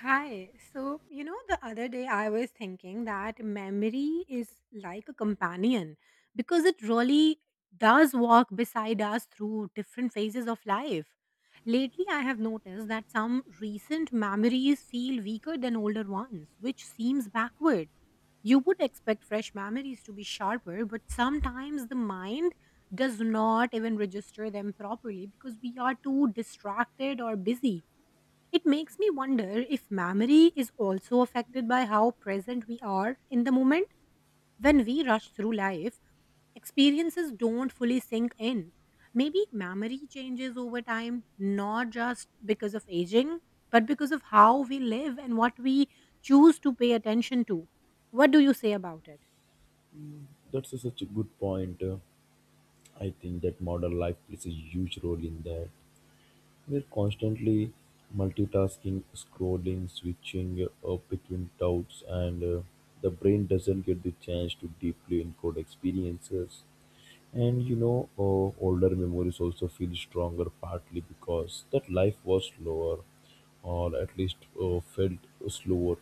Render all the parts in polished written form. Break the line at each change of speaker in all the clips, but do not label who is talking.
Hi. So, you know, the other day I was thinking that memory is like a companion because it really does walk beside us through different phases of life. Lately, I have noticed that some recent memories feel weaker than older ones, which seems backward. You would expect fresh memories to be sharper, but sometimes the mind does not even register them properly because we are too distracted or busy. It makes me wonder if memory is also affected by how present we are in the moment. When we rush through life, experiences don't fully sink in. Maybe memory changes over time, not just because of aging, but because of how we live and what we choose to pay attention to. What do you say about it?
That's such a good point. I think that modern life plays a huge role in that. We're constantly multitasking, scrolling, switching up between doubts, and the brain doesn't get the chance to deeply encode experiences. And older memories also feel stronger partly because that life was slower, or at least felt slower.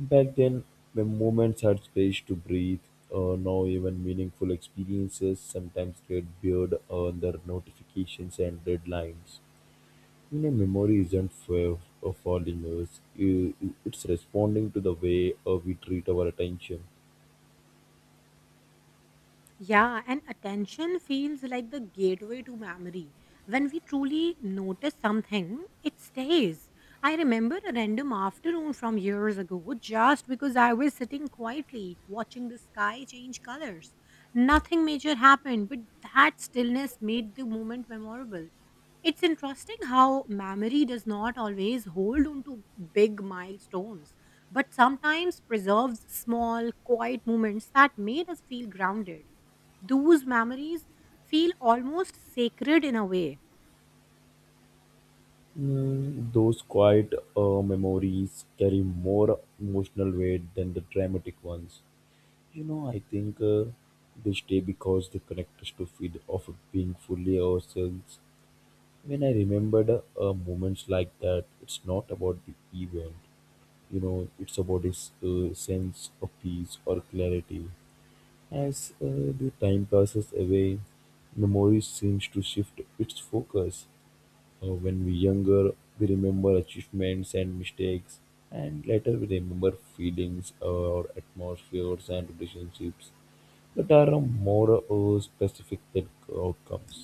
Back then, my moments had space to breathe. Now, even meaningful experiences sometimes get buried under notifications and deadlines. You know, memory isn't for, following us, it's responding to the way we treat our attention.
Yeah, and attention feels like the gateway to memory. When we truly notice something, it stays. I remember a random afternoon from years ago just because I was sitting quietly watching the sky change colors. Nothing major happened, but that stillness made the moment memorable. It's interesting how memory does not always hold on to big milestones, but sometimes preserves small, quiet moments that made us feel grounded. Those memories feel almost sacred in a way.
Mm, those quiet memories carry more emotional weight than the dramatic ones. You know, I think they stay because they connect us to feed of being fully ourselves. When I remembered moments like that, it's not about the event, you know, it's about its sense of peace or clarity. As the time passes away, memory seems to shift its focus. When we're younger, we remember achievements and mistakes, and later we remember feelings or atmospheres and relationships that are more specific than outcomes.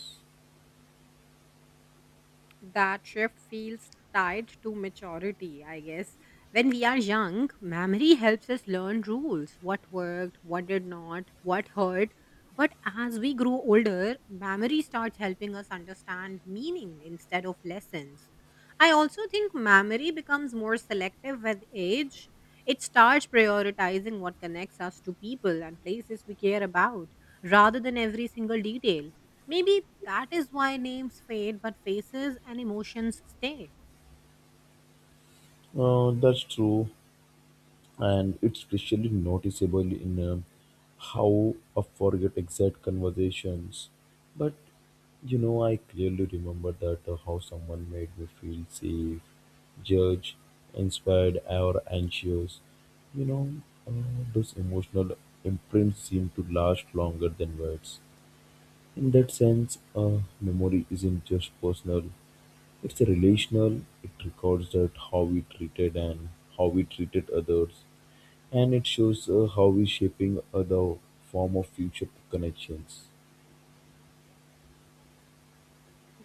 That shift feels tied to maturity, I guess. When we are young, memory helps us learn rules, what worked, what did not, what hurt. But as we grow older, memory starts helping us understand meaning instead of lessons. I also think memory becomes more selective with age. It starts prioritizing what connects us to people and places we care about rather than every single detail. Maybe that is why names fade, but faces and emotions stay.
That's true, and it's especially noticeable in how I forget exact conversations. But you know, I clearly remember that how someone made me feel safe, judged, inspired, or anxious. You know, uh, those emotional imprints seem to last longer than words. In that sense, memory isn't just personal; it's a relational. It records that how we treated and how we treated others, and it shows how we're shaping the form of future connections.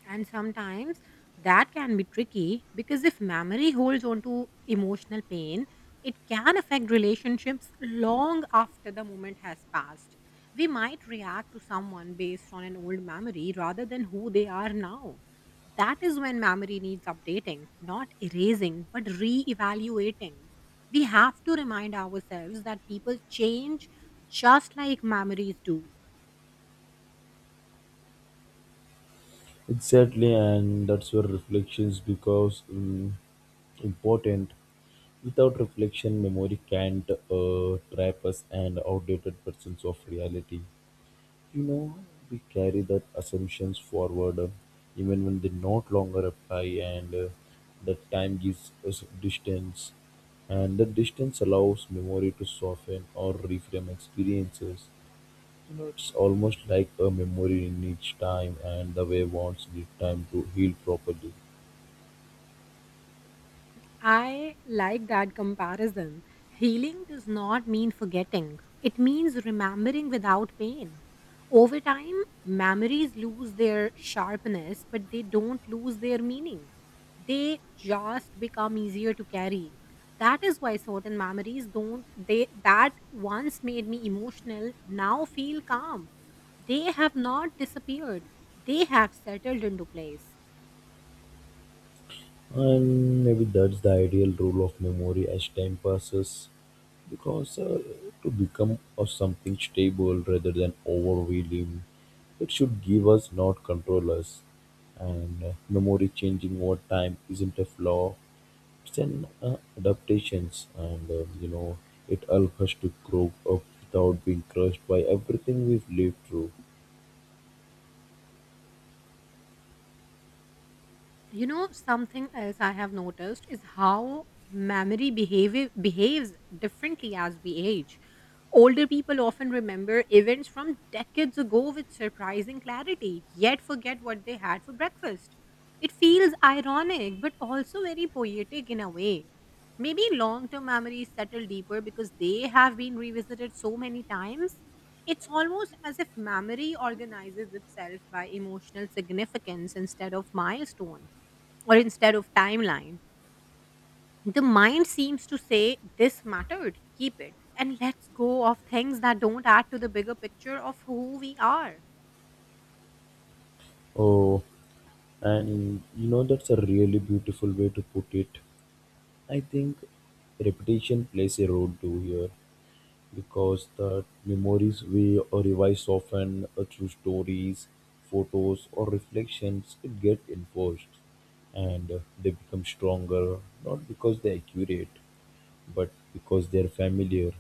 And sometimes that can be tricky because if memory holds on to emotional pain, it can affect relationships long after the moment has passed. We might react to someone based on an old memory rather than who they are now. That is when memory needs updating, not erasing, but re evaluating. We have to remind ourselves that people change just like memories do.
Exactly, and that's where reflections because important. Without reflection memory can't trap us and outdated versions of reality. You know, we carry that assumptions forward, even when they not longer apply, and that time gives us distance and the distance allows memory to soften or reframe experiences. You know, it's almost like a memory needs time and the way wants need time to heal properly.
I like that comparison. Healing does not mean forgetting, it means remembering without pain. Over time, memories lose their sharpness, but they don't lose their meaning. They just become easier to carry. That is why certain memories don't, they that once made me emotional now feel calm. They have not disappeared, they have settled into place.
And maybe that's the ideal rule of memory as time passes because to become of something stable rather than overwhelming, it should give us, not control us. And memory changing over time isn't a flaw, it's an adaptations, and you know, it helps us to grow up without being crushed by everything we've lived through.
You know, something else I have noticed is how memory behaves differently as we age. Older people often remember events from decades ago with surprising clarity, yet forget what they had for breakfast. It feels ironic, but also very poetic in a way. Maybe long-term memories settle deeper because they have been revisited so many times. It's almost as if memory organizes itself by emotional significance instead of milestone, or instead of timeline. The mind seems to say, "This mattered, keep it," and let's go of things that don't add to the bigger picture of who we are.
Oh, and you know, that's a really beautiful way to put it. I think repetition plays a role too here because the memories we revise often through stories, photos, or reflections it get enforced, and they become stronger not because they're accurate but because they're familiar.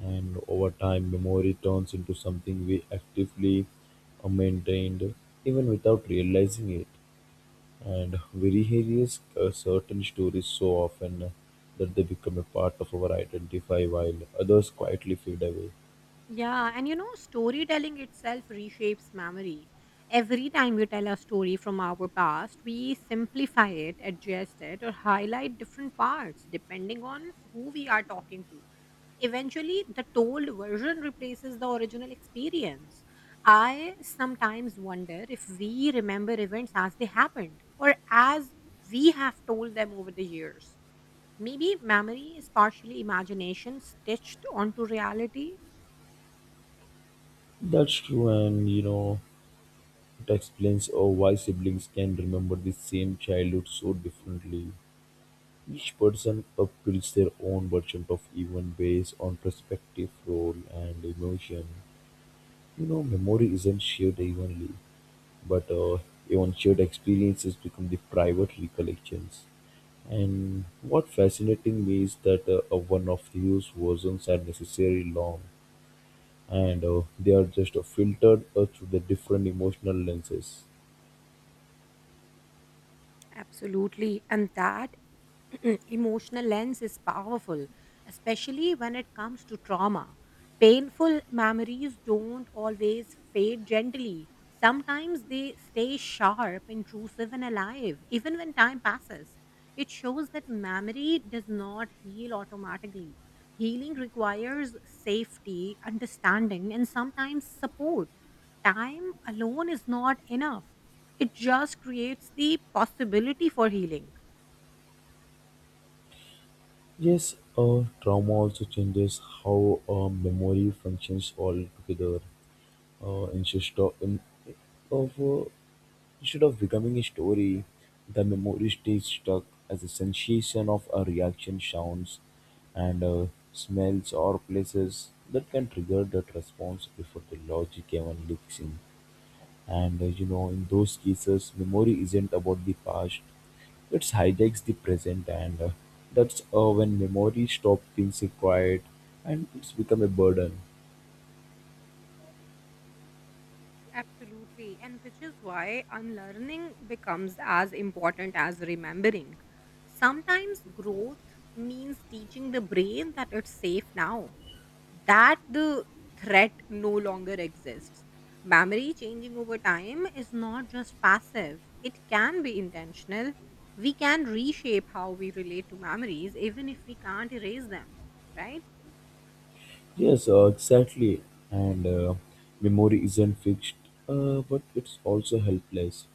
And over time, memory turns into something we actively maintained even without realizing it. And we rehearse certain stories so often that they become a part of our identity while others quietly fade away.
Yeah, and you know, storytelling itself reshapes memory. Every time we tell a story from our past, we simplify it, adjust it, or highlight different parts depending on who we are talking to. Eventually, the told version replaces the original experience. I sometimes wonder if we remember events as they happened or as we have told them over the years. Maybe memory is partially imagination stitched onto reality.
That's true, and you know, it explains oh, why siblings can remember the same childhood so differently. Each person upbuilds their own version of even based on perspective, role, and emotion. You know, memory isn't shared evenly, but even shared experiences become the private recollections. And what fascinating me is that one of these versions are necessarily long, and they are just filtered through the different emotional lenses.
Absolutely. And that emotional lens is powerful, especially when it comes to trauma. Painful memories don't always fade gently. Sometimes they stay sharp, intrusive, and alive, even when time passes. It shows that memory does not heal automatically. Healing requires safety, understanding, and sometimes support. Time alone is not enough. It just creates the possibility for healing.
Yes, trauma also changes how memory functions altogether. Instead of, in, of Instead of becoming a story, the memory stays stuck as a sensation of a reaction, sounds, and smells or places that can trigger that response before the logic even leaks in. And you know, in those cases, memory isn't about the past; it hijacks the present, and that's when memory stops being so quiet and it's become a burden.
Absolutely. And which is why unlearning becomes as important as remembering. Sometimes growth means teaching the brain that it's safe now, that the threat no longer exists. Memory changing over time is not just passive, it can be intentional. We can reshape how we relate to memories, even if we can't erase them, right?
Yes, exactly. And memory isn't fixed, but it's also helpless.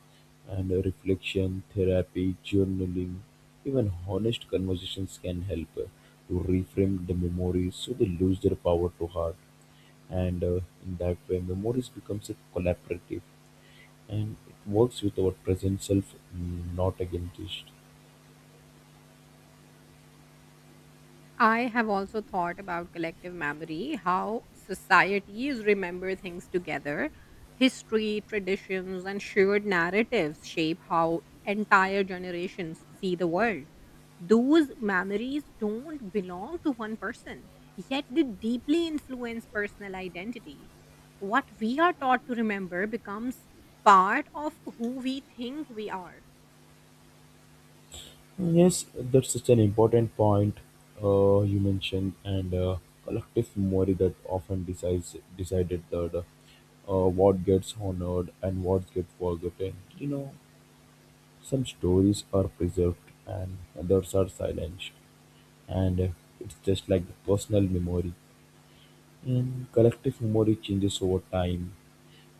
And reflection, therapy, journaling, even honest conversations can help to reframe the memories so they lose their power to hard. And in that way, memories becomes a collaborative, and it works with our present self, not against it.
I have also thought about collective memory, how societies remember things together. History, traditions, and shared narratives shape how entire generations see the world. Those memories don't belong to one person, yet they deeply influence personal identity. What we are taught to remember becomes part of who we think we are.
Yes, that's such an important point you mentioned, and collective memory that often decides decided that what gets honored and what gets forgotten. You know, some stories are preserved and others are silenced, and it's just like the personal memory. And collective memory changes over time,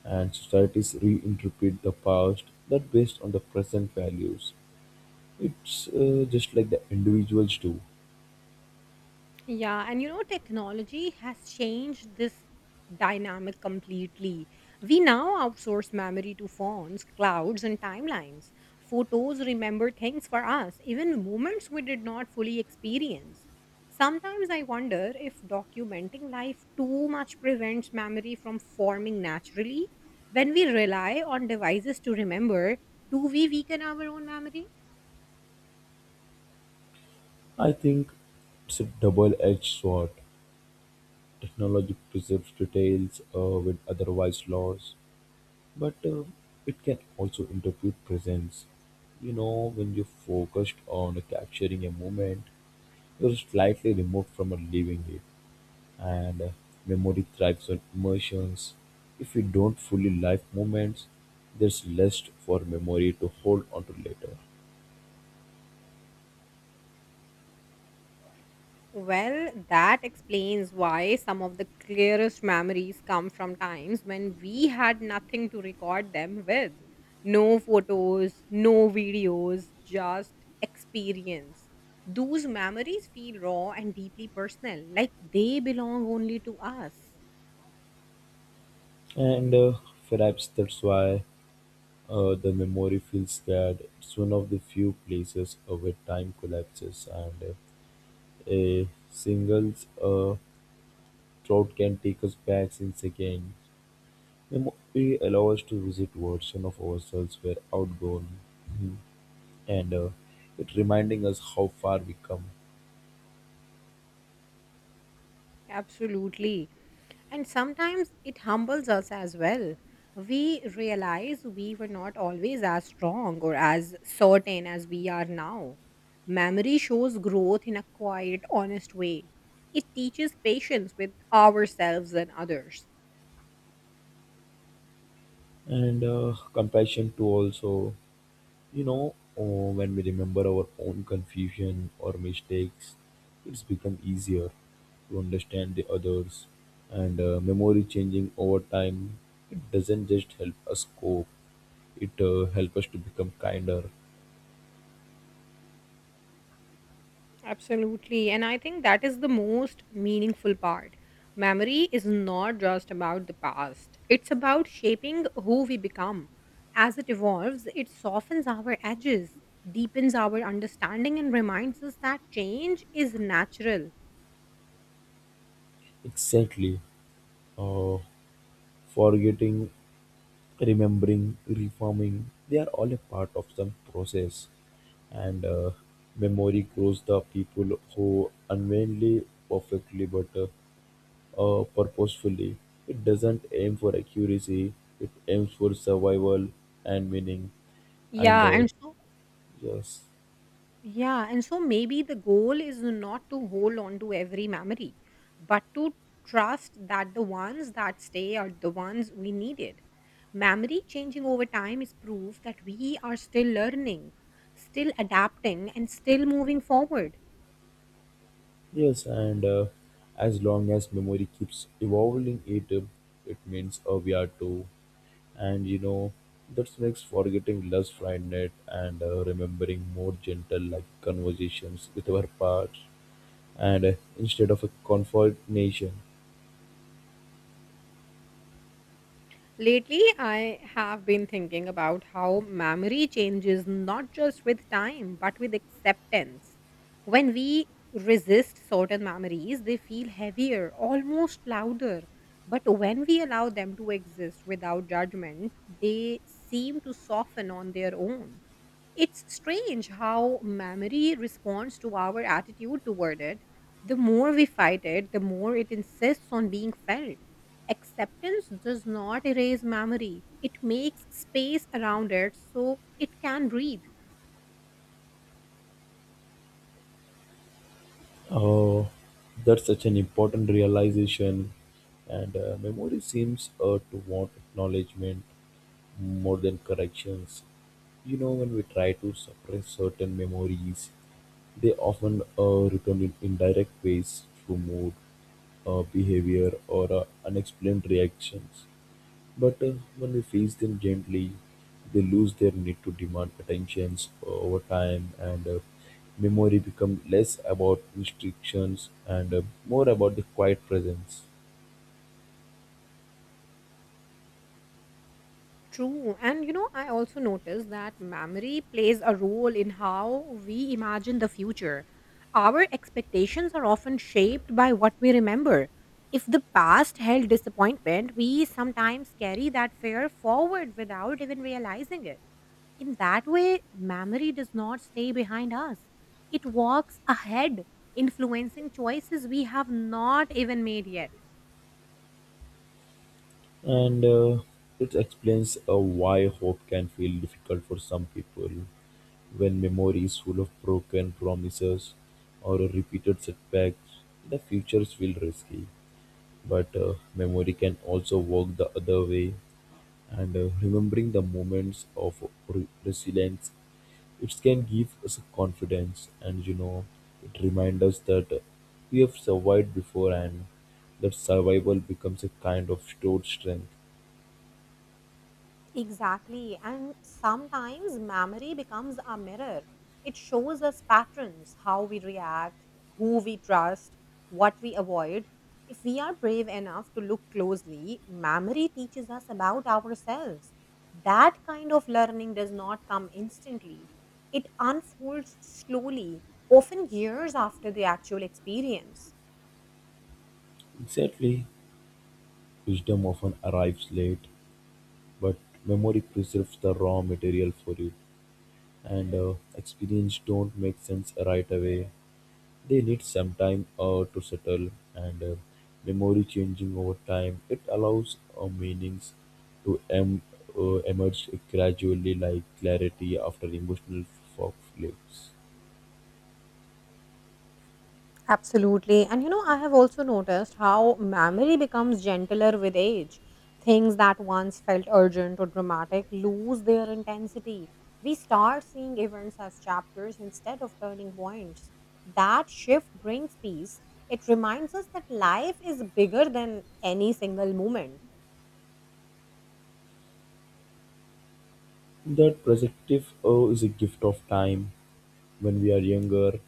and societies reinterpret the past that based on the present values. It's just like the individuals do.
Yeah, and you know, technology has changed this dynamic completely. We now outsource memory to phones, clouds, and timelines. Photos remember things for us, even moments we did not fully experience. Sometimes I wonder if documenting life too much prevents memory from forming naturally. When we rely on devices to remember, do we weaken our own memory?
I think it's a double-edged sword. Technology preserves details with otherwise lost, but it can also interpret presence. You know, when you're focused on capturing a moment, you're slightly removed from living it, and memory thrives on emotions. If you don't fully live moments, there's less for memory to hold on to later.
Well, that explains why some of the clearest memories come from times when we had nothing to record them with. No photos, no videos, just experience. Those memories feel raw and deeply personal, like they belong only to us.
And perhaps that's why the memory feels that it's one of the few places where time collapses and a single uh, thought can take us back in seconds. Memory allows us to visit version of ourselves were outgrown, and it reminding us how far we come.
Absolutely. And sometimes it humbles us as well. We realize we were not always as strong or as certain as we are now. Memory shows growth in a quiet, honest way. It teaches patience with ourselves and others.
And compassion too also. You know, oh, when we remember our own confusion or mistakes, it's become easier to understand the others. And memory changing over time, it doesn't just help us cope, it helps us to become kinder.
Absolutely. And I think that is the most meaningful part. Memory is not just about the past, it's about shaping who we become. As it evolves, it softens our edges, deepens our understanding, and reminds us that change is natural.
Exactly. Uh, forgetting, remembering, reforming, they are all a part of some process. And memory grows the people who unwillingly perfectly, but purposefully. It doesn't aim for accuracy, it aims for survival and meaning. And
Yeah,
uh,
and so
yes,
Yeah, and so maybe the goal is not to hold on to every memory, but to trust that the ones that stay are the ones we needed. Memory changing over time is proof that we are still learning, still adapting, and still moving forward.
yes, and as long as memory keeps evolving, it it means we are too. And you know, that makes forgetting less frightened and remembering more gentle, like conversations with our past, and instead of a confrontation.
Lately, I have been thinking about how memory changes not just with time, but with acceptance. When we resist certain memories, they feel heavier, almost louder. But when we allow them to exist without judgment, they seem to soften on their own. It's strange how memory responds to our attitude toward it. The more we fight it, the more it insists on being felt. Acceptance does not erase memory, it makes space around it so it can breathe.
Oh, that's such an important realization, and memory seems to want acknowledgement more than corrections. You know, when we try to suppress certain memories, they often return in indirect ways through mood, behavior, or unexplained reactions. But when we face them gently, they lose their need to demand attentions over time, and memory becomes less about restrictions and more about the quiet presence.
True. And you know, I also noticed that memory plays a role in how we imagine the future. Our expectations are often shaped by what we remember. If the past held disappointment, we sometimes carry that fear forward without even realizing it. In that way, memory does not stay behind us, it walks ahead, influencing choices we have not even made yet.
And it explains why hope can feel difficult for some people when memory is full of broken promises or repeated setbacks. The futures feel risky, but memory can also work the other way, and remembering the moments of resilience, it can give us confidence, and you know, it reminds us that we have survived before, and that survival becomes a kind of stored strength.
Exactly. And sometimes memory becomes our mirror. It shows us patterns, how we react, who we trust, what we avoid. If we are brave enough to look closely, memory teaches us about ourselves. That kind of learning does not come instantly, it unfolds slowly, often years after the actual experience.
Exactly. Wisdom often arrives late, but memory preserves the raw material for it, and experience don't make sense right away. They need some time to settle, and memory changing over time. It allows meanings to emerge gradually, like clarity after emotional fog lifts.
Absolutely. And you know, I have also noticed how memory becomes gentler with age. Things that once felt urgent or dramatic lose their intensity. We start seeing events as chapters instead of turning points. That shift brings peace. It reminds us that life is bigger than any single moment.
That perspective is a gift of time. When we are younger,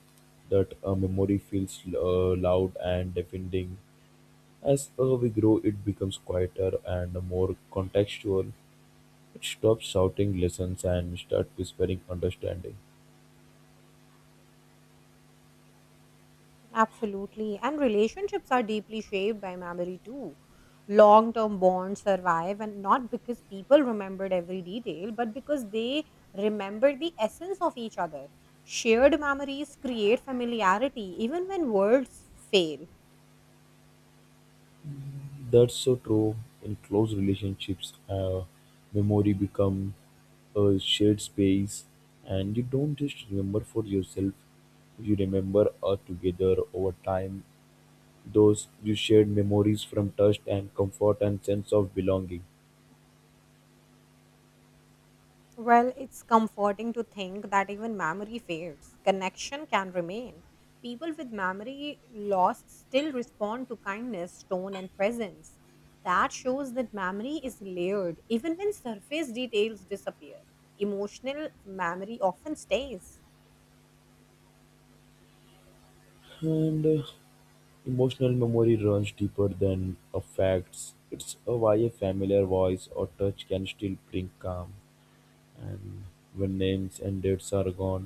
that memory feels loud and deafening. As we grow, it becomes quieter and more contextual. It stops shouting lessons and start whispering understanding.
Absolutely. And relationships are deeply shaped by memory too. Long term bonds survive, and not because people remembered every detail, but because they remembered the essence of each other. Shared memories create familiarity even when words fail.
That's so true. In close relationships, memory become a shared space, and you don't just remember for yourself. You remember together over time. Those you shared memories from trust and comfort and sense of belonging.
Well, it's comforting to think that even memory fades, connection can remain. People with memory loss still respond to kindness, tone, and presence. That shows that memory is layered, even when surface details disappear. Emotional memory often stays.
And emotional memory runs deeper than facts. It's why a familiar voice or touch can still bring calm. And when names and dates are gone,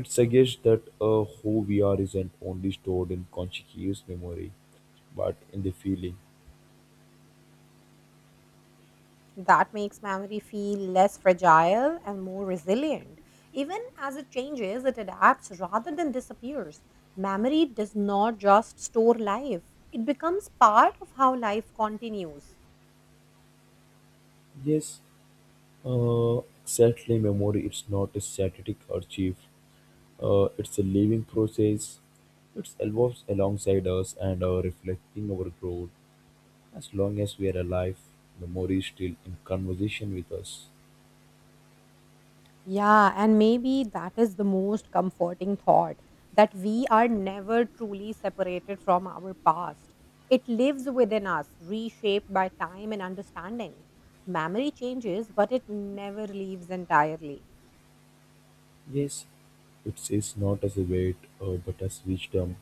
it suggests that a who we are isn't only stored in conscious memory, but in the feeling.
That makes memory feel less fragile and more resilient. Even as it changes, it adapts rather than disappears. Memory does not just store life, it becomes part of how life continues.
Yes, exactly. Memory is not a static archive. It's a living process. It evolves alongside us and reflecting our growth. As long as we are alive, memory is still in conversation with us.
Yeah, and maybe that is the most comforting thought that we are never truly separated from our past. It lives within us, reshaped by time and understanding. Memory changes, but it never leaves entirely.
Yes, it is not as a weight, but as wisdom.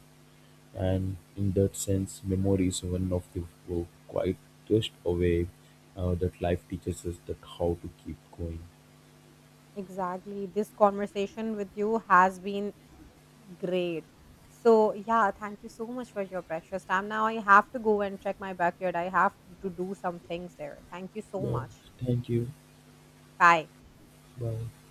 And in that sense, memory is one of the quietest way that life teaches us that how to keep going.
Exactly. This conversation with you has been great. So, yeah, thank you so much for your precious time. Now I have to go and check my backyard. I have to do some things there. Thank you so
Yeah.
much.
Thank you.
Bye.
Bye.